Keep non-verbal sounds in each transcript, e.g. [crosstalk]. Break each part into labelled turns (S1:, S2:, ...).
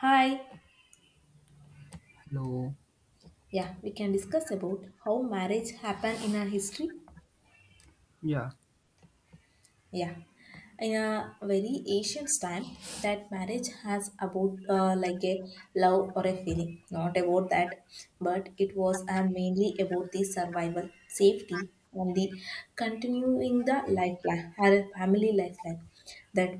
S1: Hi.
S2: Hello.
S1: Yeah, we can discuss about how marriage happened in our history.
S2: Yeah,
S1: Yeah, in a very ancient time, that marriage has about like a love or a feeling, not about that, but it was mainly about the survival, safety, and the continuing the lifeline, her family lifeline, that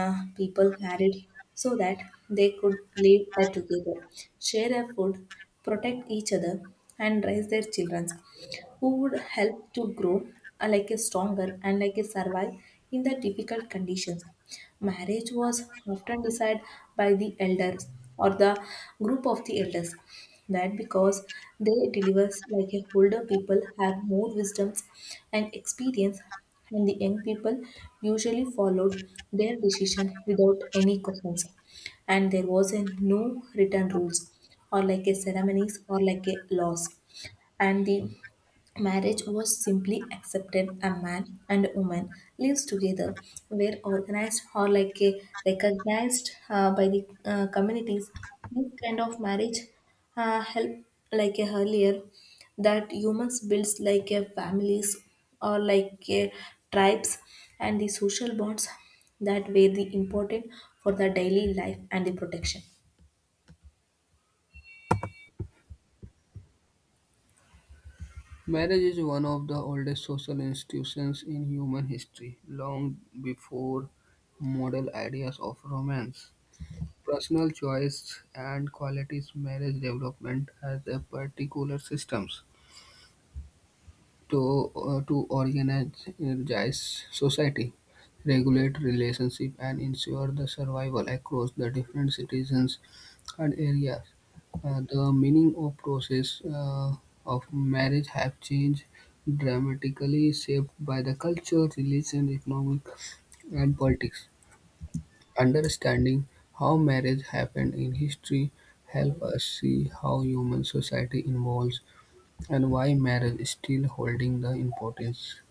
S1: people married so that they could live together, share a food, protect each other, and raise their children who would help to grow like a stronger and like a survive in the difficult conditions. Marriage was often decided by the elders or the group of the elders. That because they delivers like a older people have more wisdoms and experience, and the young people usually followed their decision without any questions. And there was a no written rules or like a ceremonies or like a laws. And the marriage was simply accepted. A man and a woman lives together were organized or like a recognized by the communities. This kind of marriage help like a earlier that humans builds like a families or like a tribes and the social bonds that were the important for the daily life and the protection.
S2: marriage is one of the oldest social institutions in human history, long before model ideas of romance. Personal choice and qualities marriage development as a particular systems to organize society, regulate relationship and ensure the survival across the different citizens and areas. The meaning or process of marriage have changed dramatically, shaped by the culture, religion, economic, and politics. Understanding how marriage happened in history help us see how human society evolves and why marriage is still holding the importance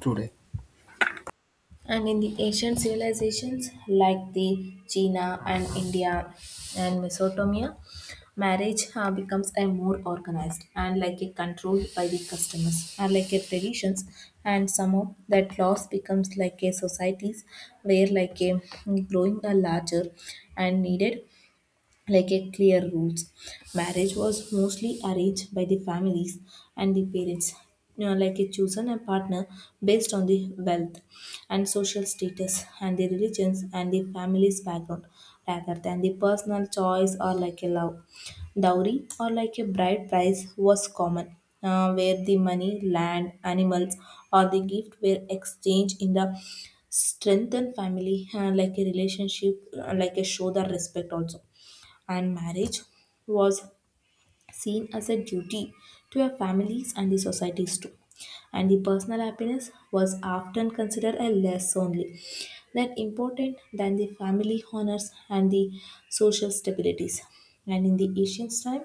S2: today.
S1: And in the ancient civilizations like the China and India and Mesopotamia, marriage becomes a more organized and like a controlled by the customers and like a traditions, and somehow that loss becomes like a societies where like a growing a larger and needed like a clear rules. Marriage was mostly arranged by the families and the parents, like a chosen a partner based on the wealth and social status and the religions and the family's background rather than the personal choice or like a love. Dowry or like a bride price was common, where the money, land, animals, or the gift were exchanged in the strengthened family, like a relationship, like a show the respect also. And marriage was seen as a duty to our families and the societies too. And the personal happiness was often considered a less only that important than the family honors and the social stabilities. And in the ancient time,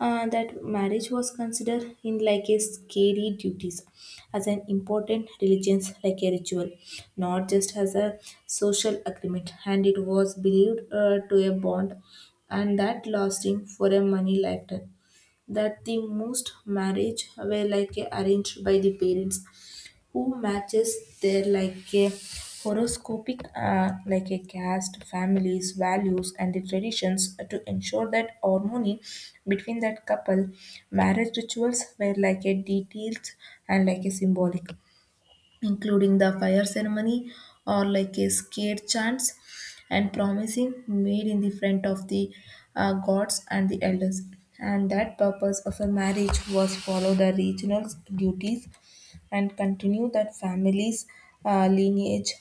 S1: that marriage was considered in like a scary duties as an important religion like a ritual, not just as a social agreement, and it was believed to a bond and that lasting for a money lifetime, that the most marriage were like a arranged by the parents who matches their like a horoscopic like a caste families values and the traditions to ensure that harmony between that couple. Marriage rituals were like a detailed and like a symbolic, including the fire ceremony or like a skate chants and promising made in the front of the gods and the elders. And that purpose of a marriage was follow the regional duties and continue that family's lineage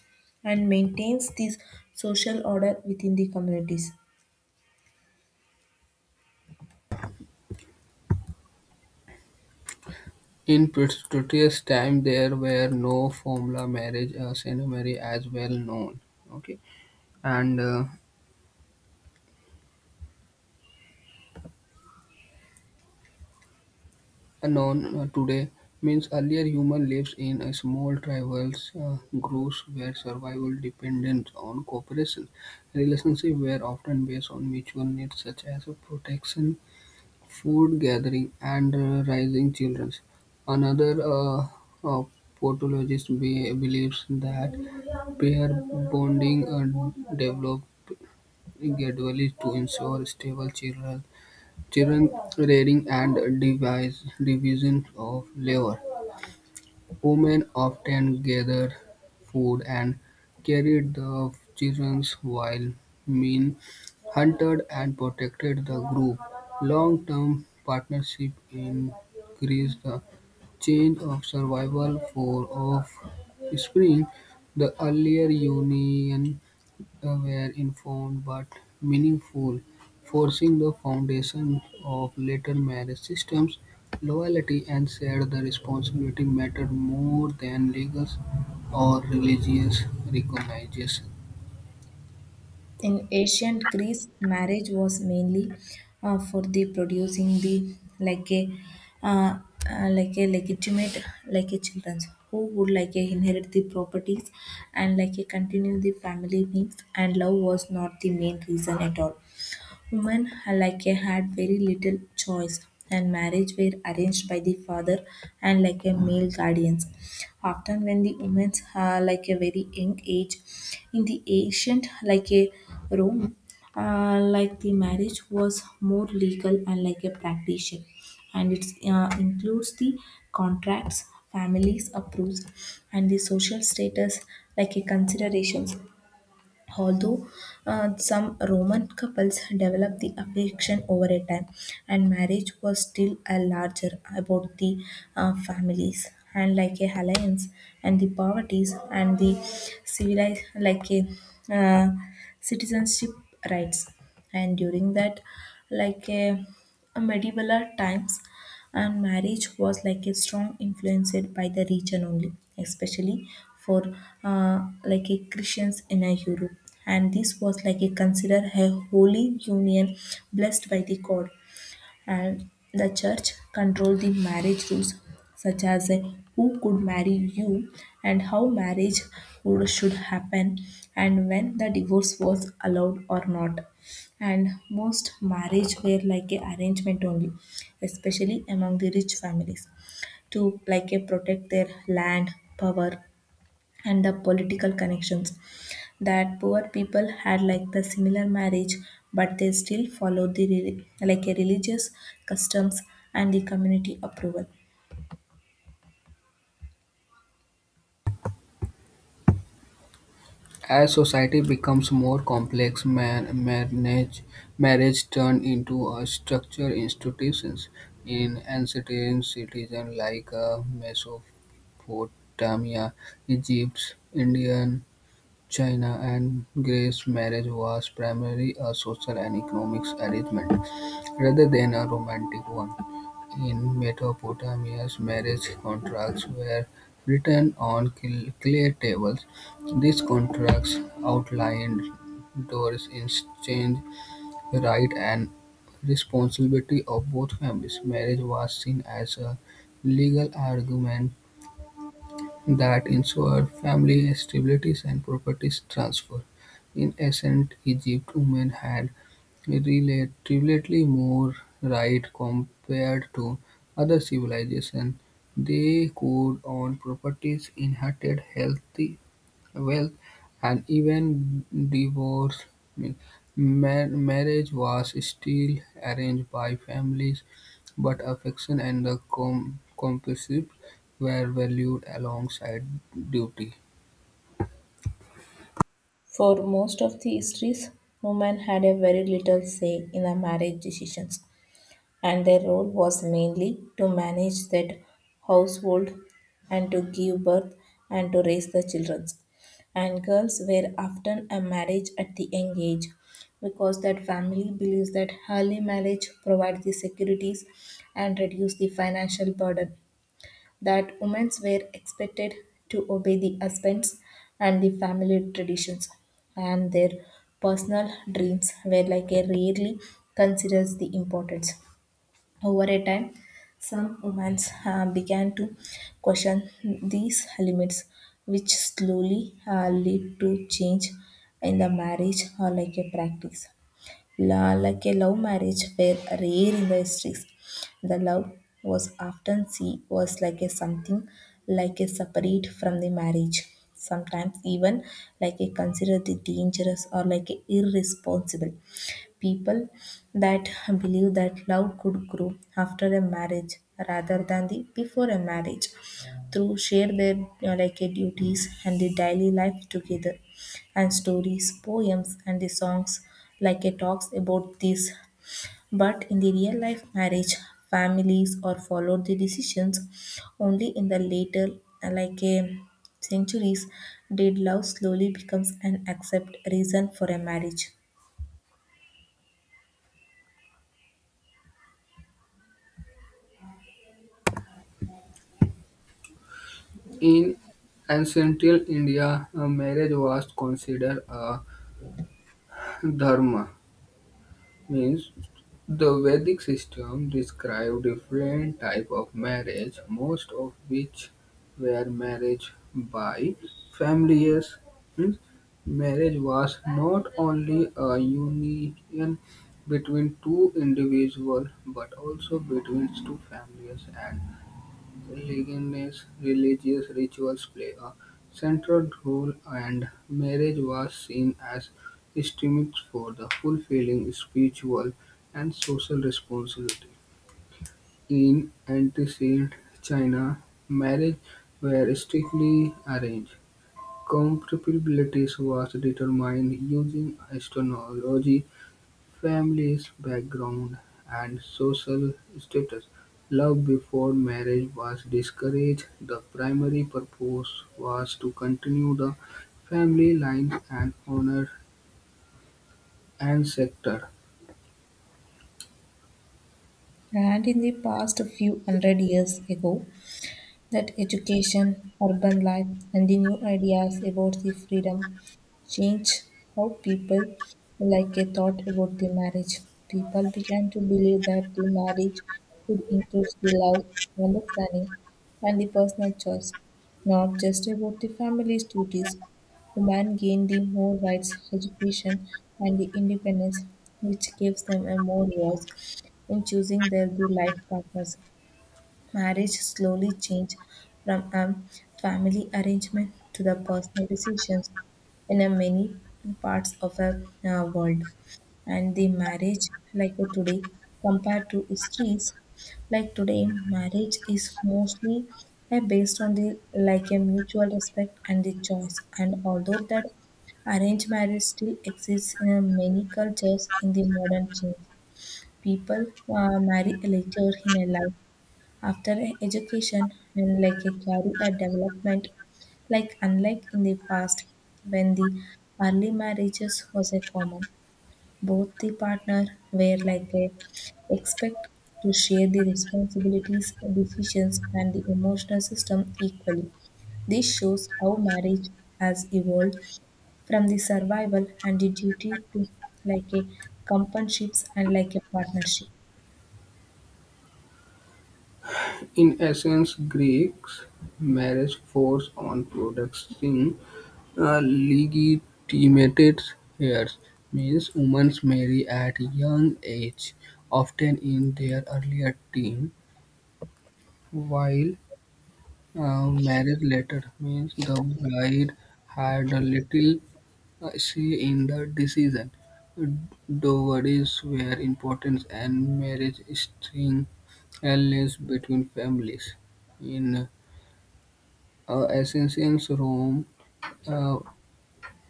S1: and maintains this social order within the communities.
S2: In Pretorius time, there were no formula marriage ceremony as well known. Okay, and known today means earlier human lives in a small tribal groups where survival depended on cooperation. Relationships were often based on mutual needs such as protection, food gathering, and raising children. Another uh, pathologist believes that pair bonding developed gradually to ensure stable children rearing and division of labor. Women often gathered food and carried the children while men hunted and protected the group. Long-term partnership increased the change of survival for of spring. The earlier union were informed but meaningful, forcing the foundation of later marriage systems. Loyalty and shared the responsibility mattered more than legal or religious recognition.
S1: In ancient Greece, marriage was mainly for the producing the uh, like a legitimate like a children who would like a inherit the properties and like a continue the family names, and love was not the main reason at all. Women like a had very little choice, and marriage were arranged by the father and like a male guardians. Often when the women are like a very young age, in the ancient like a Rome, like the marriage was more legal and like a practitioner, and it includes the contracts, families approves, and the social status like a considerations. Although some Roman couples developed the affection over a time, and marriage was still a larger about the families and like a alliance and the poverties and the civilized like a uh, citizenship rights. And during that like a medieval times, and marriage was like a strong influenced by the region only, especially for like a Christians in a Europe. And this was like a considered a holy union blessed by the god. And the church controlled the marriage rules, such as who could marry you, and how marriage should happen, and when the divorce was allowed or not. And most marriage were like a arrangement only, especially among the rich families, to like a protect their land, power, and the political connections. That poor people had like the similar marriage, but they still followed the like a religious customs and the community approval.
S2: As society becomes more complex, marriage, marriage turned into a structured institutions in ancient cities like Mesopotamia, Egypt, India, China and Grace's marriage was primarily a social and economic arrangement, rather than a romantic one. In Mesopotamia, marriage contracts were written on clay tables. These contracts outlined Doris' exchange right and responsibility of both families. Marriage was seen as a legal argument that ensured family stability and property transfer. In ancient Egypt, women had relatively more rights compared to other civilizations. They could own properties, inherit healthy wealth, and even divorce. I mean, marriage was still arranged by families, but affection and the companionship were valued alongside duty.
S1: For most of the histories, women had a very little say in the marriage decisions, and their role was mainly to manage that household, and to give birth, and to raise the children. And girls were often a marriage at the young age because that family believes that early marriage provides the securities and reduce the financial burden. That women were expected to obey the husbands and the family traditions, and their personal dreams were like a rarely considers the importance. Over a time, some women began to question these limits, which slowly lead to change in the marriage or like a practice. Like a love marriage were rare in the histories. The love was often seen was like a something like a separate from the marriage. Sometimes even like a considered the dangerous or like a irresponsible people that believe that love could grow after a marriage rather than the before a marriage, through share their like duties and the daily life together. And stories, poems, and the songs like a talks about this. But in the real life marriage, families or follow the decisions. Only in the later like a centuries did love slowly becomes an accept reason for a marriage.
S2: In ancient India, a marriage was considered a dharma, means the Vedic system described different type of marriage, most of which were marriage by families. Means marriage was not only a union between two individuals but also between two families and Ligonier religious rituals play a central role and marriage was seen as instruments for the fulfilling spiritual and social responsibility. In ancient China, marriage were strictly arranged. Compatibility was determined using astrology families, background, and social status. Love before marriage was discouraged. The primary purpose was to continue the family line and honor ancestor.
S1: And in the past few hundred years ago, that education, urban life, and the new ideas about the freedom change how people like a thought about the marriage. People began to believe that the marriage should include the love, understanding, and the personal choice, not just about the family's duties. Women gain the more rights, education, and the independence, which gives them a more voice in choosing their life partners. Marriage slowly changed from a family arrangement to the personal decisions in a many parts of the world. And the marriage, like a today, compared to histories, like today, marriage is mostly based on the like a mutual respect and the choice. And although that arranged marriage still exists in many cultures, in the modern change, people marry later in a life after education and like a career development, like unlike in the past when the early marriages was a common. Both the partner were like a expect to share the responsibilities, decisions, and the emotional system equally. This shows how marriage has evolved from the survival and the duty to like a companionships and like a partnership.
S2: In essence, Greeks' marriage focused on producing a legitimate heirs, means women marry at young age, often in their earlier teen, while marriage later means the bride had a little say in the decision. Dowries were important, and marriage string alliance between families. In ancient Rome, uh,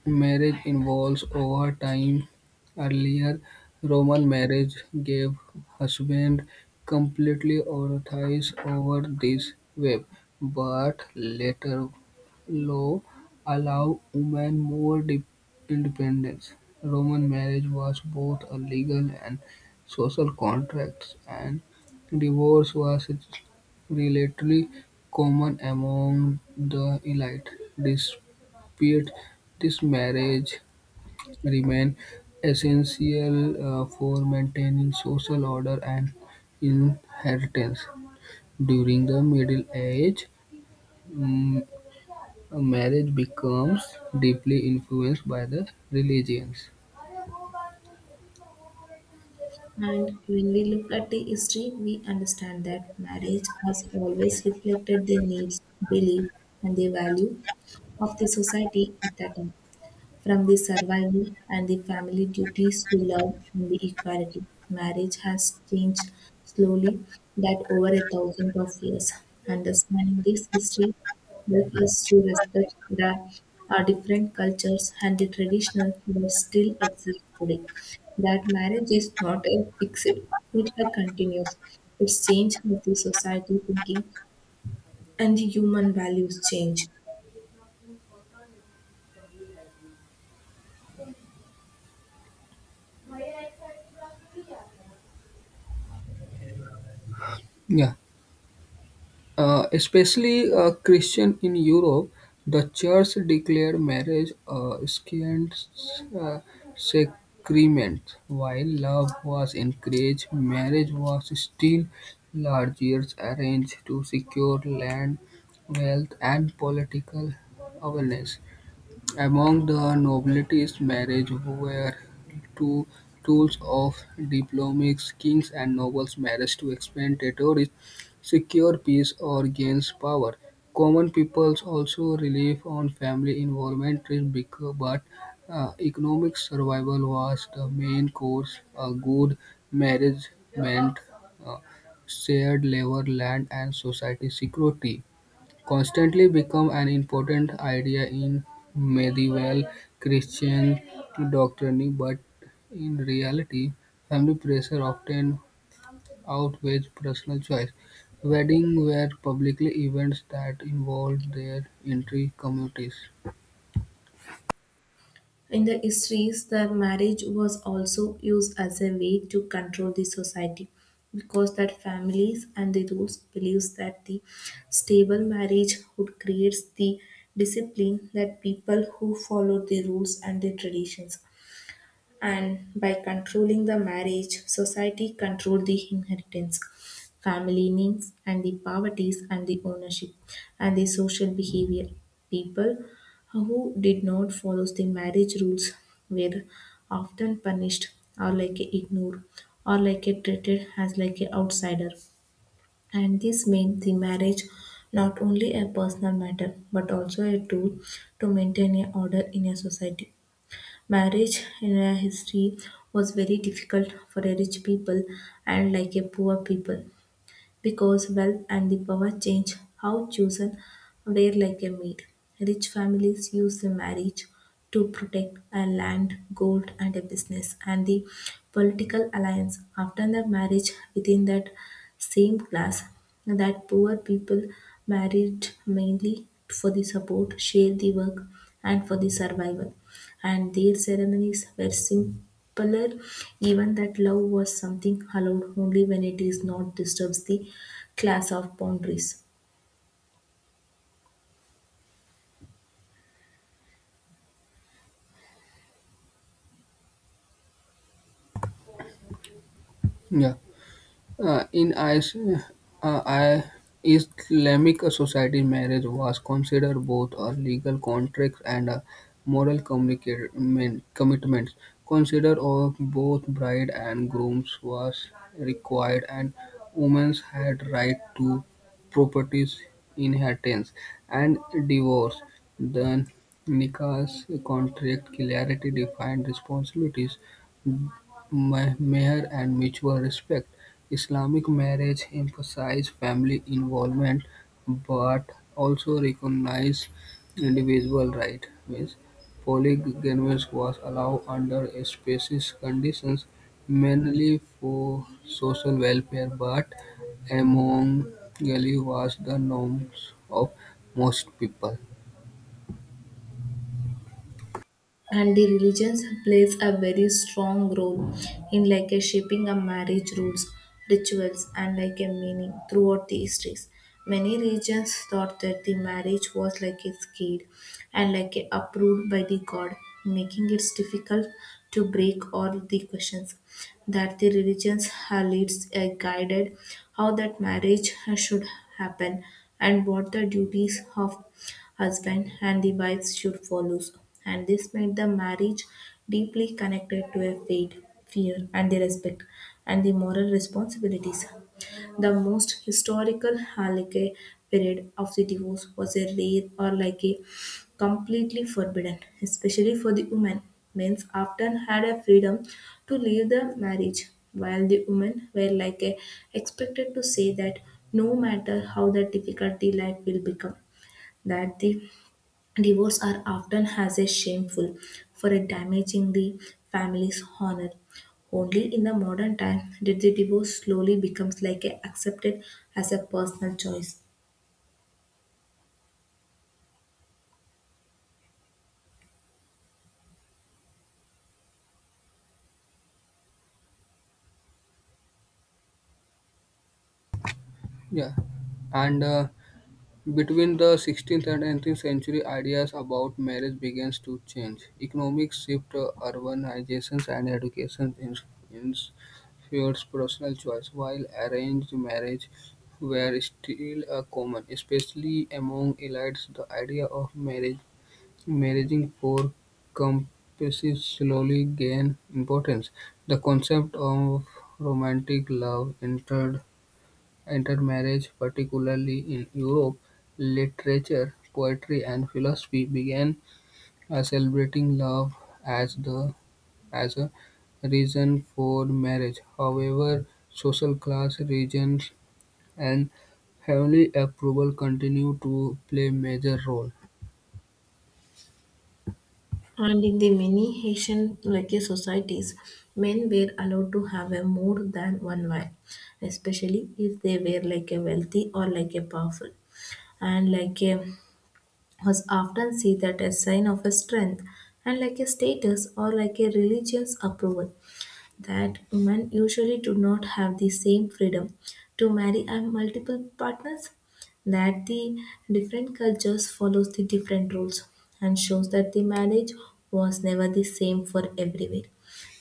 S2: marriage involves over time. Earlier, Roman marriage gave husband completely authority over this web, but later law allowed women more independence. Roman marriage was both a legal and social contract, and divorce was relatively common among the elite. Despite this marriage remained essential for maintaining social order and inheritance. During the Middle Ages, marriage becomes deeply influenced by the religions.
S1: And when we look at the history, we understand that marriage has always reflected the needs, belief, and the value of the society at that time. From the survival and the family duties to love and the equality, marriage has changed slowly that over 1,000 of years. Understanding this history helps us to respect the our different cultures and the traditional that still exist today. That marriage is not a fixed, it continues. It's changed with the society thinking and the human values change.
S2: Yeah. Especially Christian in Europe, the church declared marriage a scant uh, sacrament. While love was encouraged, marriage was still largely arranged to secure land, wealth, and political awareness. Among the nobility's marriage were two tools of diplomats: kings and nobles married to expand territories, secure peace, or gain power. Common peoples also relied on family involvement, but economic survival was the main course. A good marriage meant uh, shared labor, land, and society security constantly become an important idea in medieval Christian doctrine, but in reality, family pressure often outweighs personal choice. Weddings were public events that involved their entire communities.
S1: In the histories, the marriage was also used as a way to control the society, because that families and the rules believes that the stable marriage would creates the discipline that people who follow the rules and the traditions. And by controlling the marriage, society controlled the inheritance, family names, and the poverties and the ownership, and the social behavior. People who did not follow the marriage rules were often punished, or like ignored, or like treated as like an outsider. And this made the marriage not only a personal matter, but also a tool to maintain a order in a society. Marriage in a history was very difficult for a rich people and like a poor people, because wealth and the power change how chosen were like a maid. Rich families used the marriage to protect a land, gold and a business and the political alliance. After the marriage within that same class, that poor people married mainly for the support, share the work, and for the survival. And their ceremonies were simpler, even that love was something allowed only when it is not disturbs the class of boundaries.
S2: Yeah. Uh, in Is- uh, I- Islamic society, marriage was considered both a legal contract and a moral commitment. Consider of both bride and grooms was required, and women had right to properties, inheritance, and divorce. The nikah's contract clearly defined responsibilities, meher, and mutual respect. Islamic marriage emphasizes family involvement, but also recognizes individual rights. Means polygamy was allowed under specific conditions, mainly for social welfare, but monogamy was the norms of most people.
S1: And the religions plays a very strong role in like a shaping a marriage rules rituals and like a meaning throughout the histories. Many religions thought that the marriage was like a skid and like a approved by the god, making it difficult to break all the questions that the religions have leads a guided how that marriage should happen and what the duties of husband and the wives should follow. And this made the marriage deeply connected to a faith, fear, and the respect and the moral responsibilities. The most historical halakha period of the divorce was a rare or like a completely forbidden, especially for the women. Men often had a freedom to leave the marriage, while the women were like a expected to say that no matter how the difficulty life will become, that the divorce are often has a shameful for a damaging the family's honor. Only in the modern time did the divorce slowly becomes like a accepted as a personal choice.
S2: Yeah, and. Between the 16th and 18th century, ideas about marriage began to change. Economic shifts, urbanization, and education influenced personal choice, while arranged marriage were still common, especially among elites. The idea of marriage marrying for compasses slowly gained importance. The concept of romantic love entered Intermarriage, particularly in Europe, literature, poetry and philosophy began celebrating love as the as a reason for marriage. However, social class, religion and family approval continue to play major role.
S1: And in the many Haitian like a societies, men were allowed to have a more than one wife, especially if they were like a wealthy or like a powerful. And like a was often seen that a sign of a strength and like a status or like a religious approval. That women usually do not have the same freedom to marry and multiple partners, that the different cultures follows the different rules and shows that the marriage was never the same for everywhere.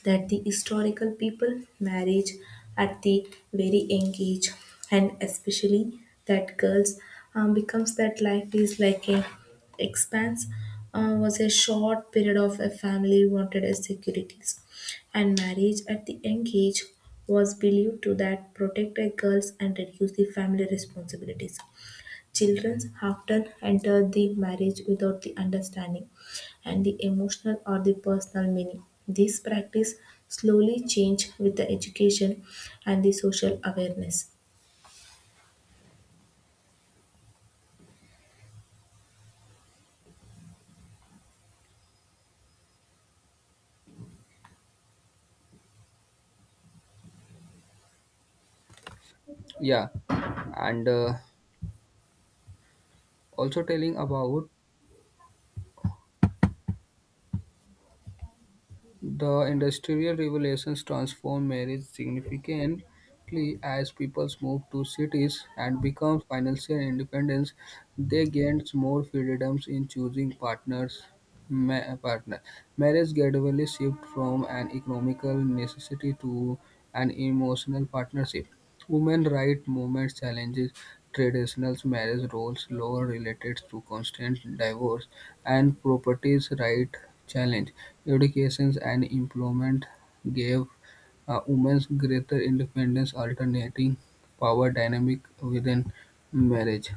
S1: That the historical people marriage at the very young age, and especially that girls becomes that life is like a expanse, was a short period of a family wanted as securities, and marriage at the young age was believed to that protect a girls and reduce the family responsibilities. Children often enter the marriage without the understanding and the emotional or the personal meaning. This practice slowly change with the education and the social awareness.
S2: Yeah, and also telling about The Industrial Revolutions transformed marriage significantly as people moved to cities and became financially independent. They gained more freedoms in choosing partners. Ma- partner. Marriage gradually shifted from an economical necessity to an emotional partnership. Women rights movement challenges traditional marriage roles, law related to constant divorce, and properties right challenge. Education and employment gave women greater independence, alternating power dynamic within marriage.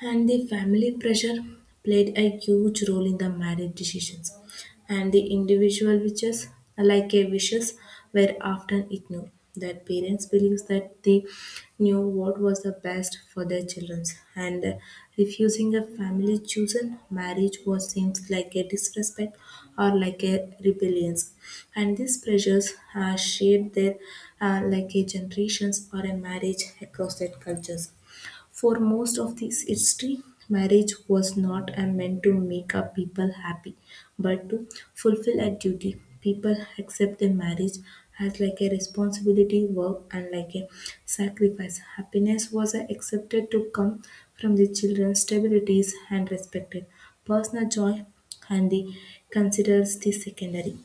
S1: And the family pressure played a huge role in the marriage decisions, and the individual wishes, like a wishes, were often ignored. That parents believed that they knew what was the best for their children, and refusing a family chosen marriage was seems like a disrespect or like a rebellion. And these pressures shaped their like a generations or a marriage across their cultures for most of this history. Marriage was not a meant to make a people happy, but to fulfill a duty. People accept their marriage as like a responsibility, work, and like a sacrifice. Happiness was accepted to come from the children's stabilities and respected. Personal joy and the considers the secondary.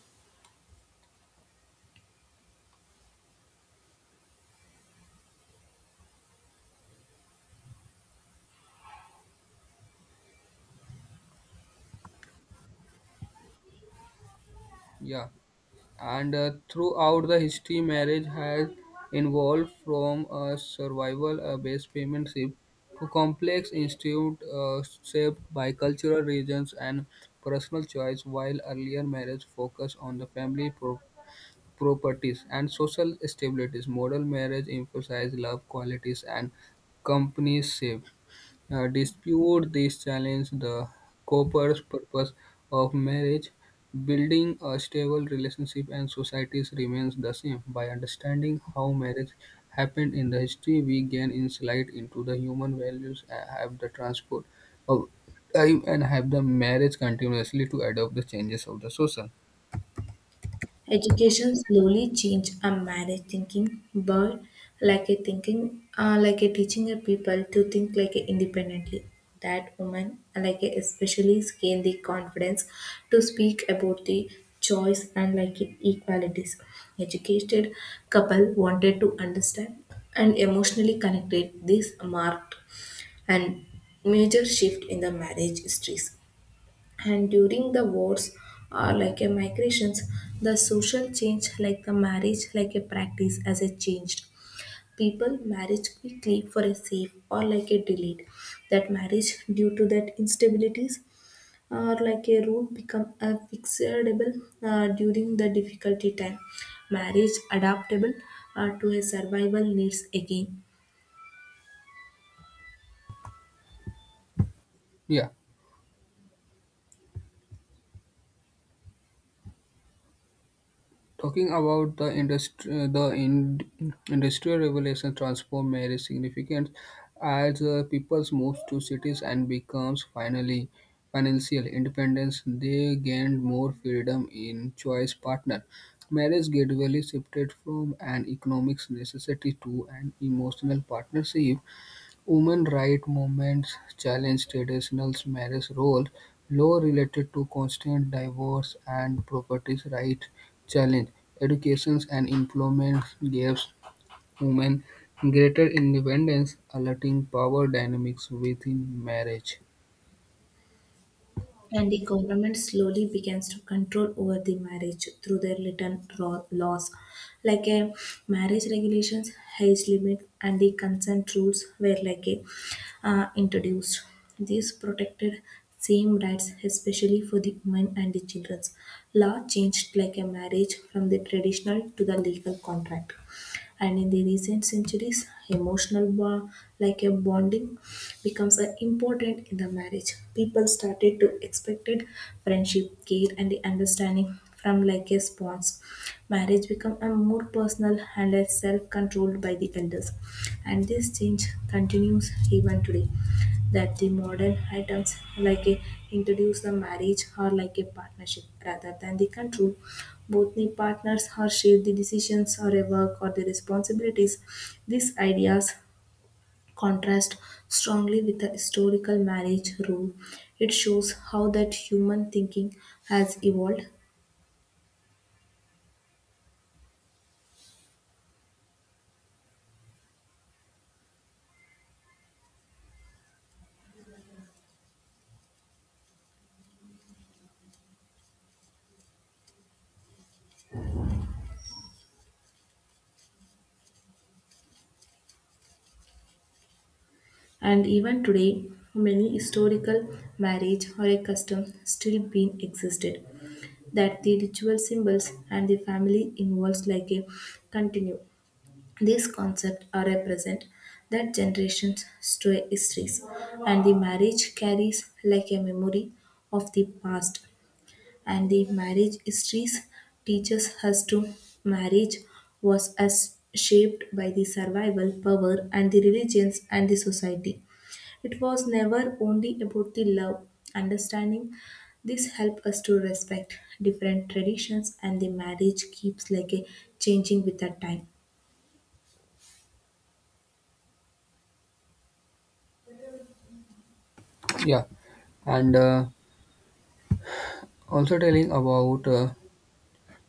S2: Yeah, and throughout the history, marriage has evolved from a survival-based partnership to complex institute shaped by cultural regions and personal choice. While earlier marriage focused on the family properties, and social stabilities. Modern marriage emphasizes love qualities and companionship. Dispute this challenge the copper's purpose of marriage. Building a stable relationship and societies remains the same. By understanding how marriage happened in the history, we gain insight into the human values and have the transport of time and have the marriage continuously to adopt the changes of the social.
S1: Education slowly changed our marriage thinking, but like a teaching a people to think like a independently. That woman, like a especially gained the confidence to speak about the choice and like a equalities. Educated couple wanted to understand and emotionally connected. This marked and major shift in the marriage histories, and during the wars or like a migrations, the social change like the marriage like a practice as a changed. People marriage quickly for a safe or like a delayed that marriage due to that instabilities or like a rule become a fixable during the difficulty time. Marriage adaptable to a survival needs again.
S2: Yeah. Talking about the industry, industrial revolution transformed marriage significance as peoples moved to cities and becomes finally financial independence. They gained more freedom in choice partner. Marriage gradually shifted from an economic necessity to an emotional partnership. Women rights movements challenged traditional marriage roles. Law related to constant divorce and property rights, challenge. Education and employment gives women greater independence, alerting power dynamics within marriage.
S1: And the government slowly begins to control over the marriage through their written laws, like a marriage regulations, age limit and the consent rules were like a introduced. These protected same rights, especially for the women and the children. Law changed like a marriage from the traditional to the legal contract, and in the recent centuries emotional bond, like a bonding, becomes a important in the marriage. People started to expected friendship care and the understanding from like a spouse. Marriage become a more personal and less self-controlled by the elders, and this change continues even today. That the modern items like a introduce the marriage or like a partnership rather than the control. Both the partners are share the decisions or a work or the responsibilities. These ideas contrast strongly with the historical marriage rule. It shows how that human thinking has evolved. And even today, many historical marriage or a custom still being existed, that the ritual symbols and the family involves like a continue. These concepts are represent that generations to histories, and the marriage carries like a memory of the past. And the marriage histories teaches us to marriage was as shaped by the survival power and the religions and the society. It was never only about the love, understanding. This helped us to respect different traditions, and the marriage keeps like a changing with the time.
S2: Yeah, and also telling about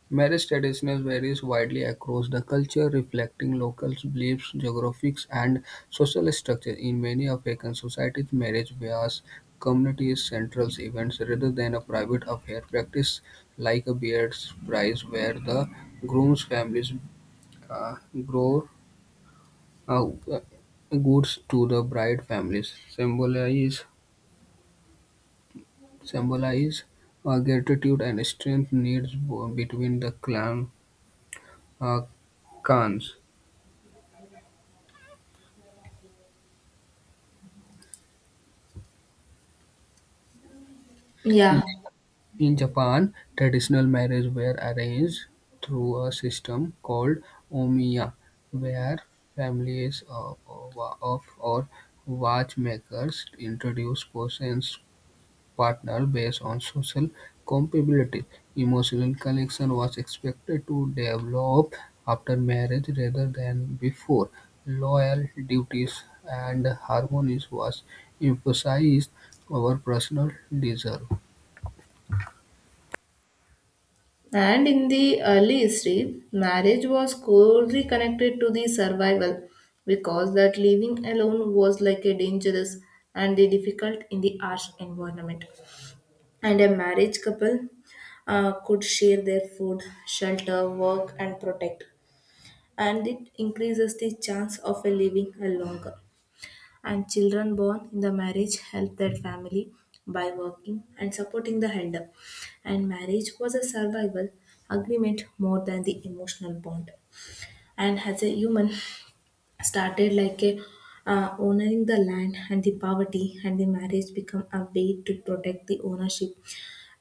S2: Marriage traditions varies widely across the culture, reflecting local beliefs, geographics, and social structure. In many African societies, marriage was community central events rather than a private affair. Practice like a beard's prize, where the groom's families uh, grow uh, goods to the bride families, symbolize gratitude and strength needs between the clan uh, clans.
S1: Yeah,
S2: In Japan, traditional marriages were arranged through a system called "omiya", where families of or watchmakers introduced potential partners based on social compatibility. Emotional connection was expected to develop after marriage rather than before. Loyal duties and harmony was emphasized over personal desire.
S1: and in the early history, marriage was closely connected to the survival because that living alone was like a dangerous and the difficult in the harsh environment. And a marriage couple could share their food, shelter, work, and protect, and it increases the chance of a living a longer. And children born in the marriage help their family by working and supporting the elder, and marriage was a survival agreement more than the emotional bond. And as a human started like a owning the land and the poverty, and the marriage become a way to protect the ownership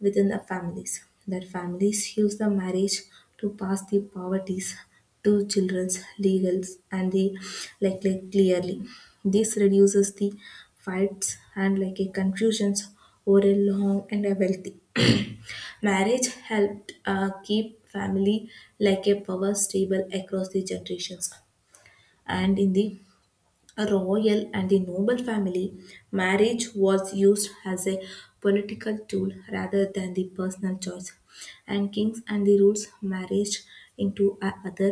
S1: within the families. That families use the marriage to pass the poverties to children's legals and the like clearly. This reduces the fights and like a confusions over a long and a wealthy. [clears throat] Marriage helped keep family like a power stable across the generations. And in the a royal and the noble family, marriage was used as a political tool rather than the personal choice. And kings and the rules marriage into a other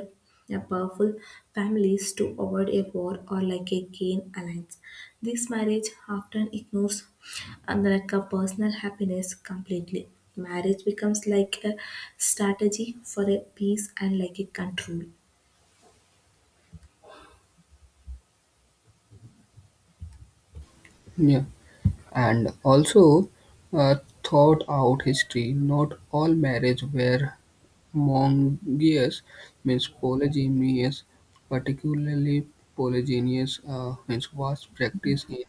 S1: a powerful families to avoid a war or like a gain alliance. This marriage often ignores and like a personal happiness completely. Marriage becomes like a strategy for a peace and like a control.
S2: Yeah. and also uh, thought out history. Not all marriage were monogamous, means polygynous, particularly polygynous means was practiced in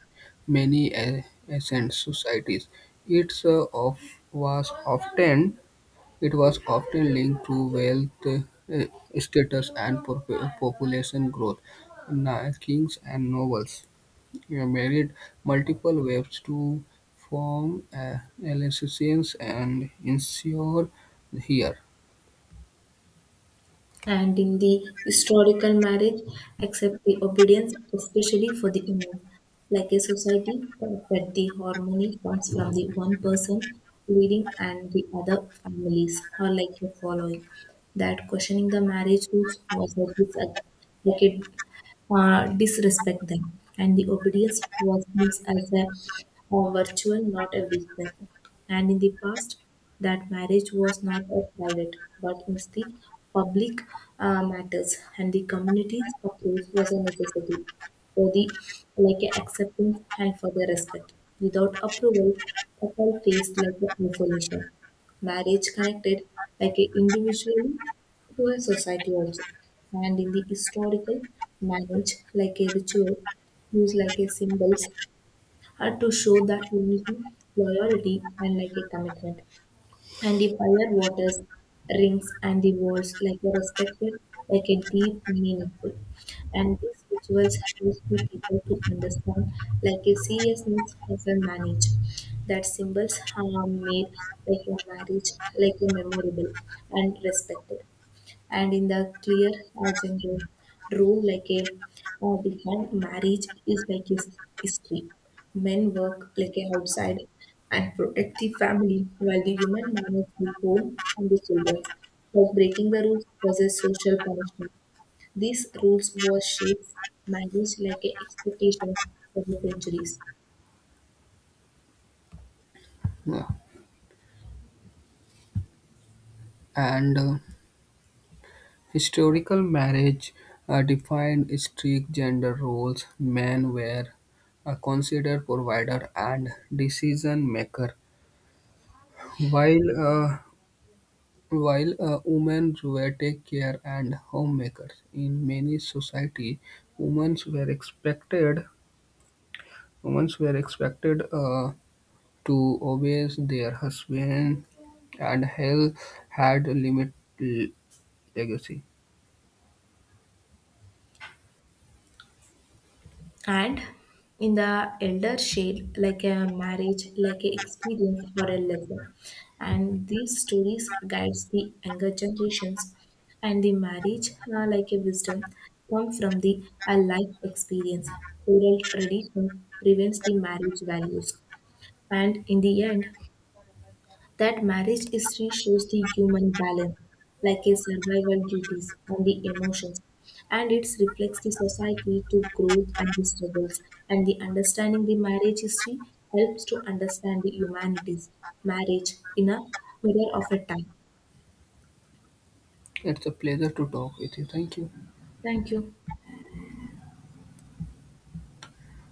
S2: many ancient societies. It's uh, of was often it was often linked to wealth, uh, status, and population growth. Kings and nobles married multiple wives to form alliances and ensure here.
S1: And in the historical marriage accept the obedience, especially for the women, like a society that the harmony comes from the one person leading and the other families or like a following, that questioning the marriage rules was a like a disrespect them. And the obedience was used as a virtual, not a weakness. And in the past, that marriage was not a private, but was the public matters, and the community's approach was a necessity for the like a acceptance and for the respect. Without approval, couple faced like a isolation. Marriage connected like a individually to a society also. And in the historical manage like a ritual, used like a symbols are to show that unity, loyalty and like a commitment. And the fire waters, rings and the walls like a respected like a deep meaningful. And these rituals help the people to understand like a seriousness of a marriage. That symbols are made like a marriage like a memorable and respected, and in the clear genre role like a defined marriage is like his history. Men work like a outside and protect the family while the human manages the home and the children, for breaking the rules causes social punishment. These rules were shaped marriage like a expectations for the centuries.
S2: Uh, and historical marriage defined strict gender roles. Men were considered provider and decision maker, while uh, while women were take care and homemakers. In many society, women were expected women were expected to obey their husband, and Hell had a limited legacy.
S1: And in the elder shade, like a marriage, like a experience or a lesson. And these stories guides the younger generations. And the marriage, like a wisdom, come from the a life experience. Oral tradition prevents the marriage values. And in the end, that marriage history shows the human balance, like a survival duties and the emotions, and it reflects the society to growth and the struggles. And the understanding the marriage history helps to understand the humanities, marriage in a mirror of a time.
S2: It's a pleasure to talk with you. Thank you.
S1: Thank you.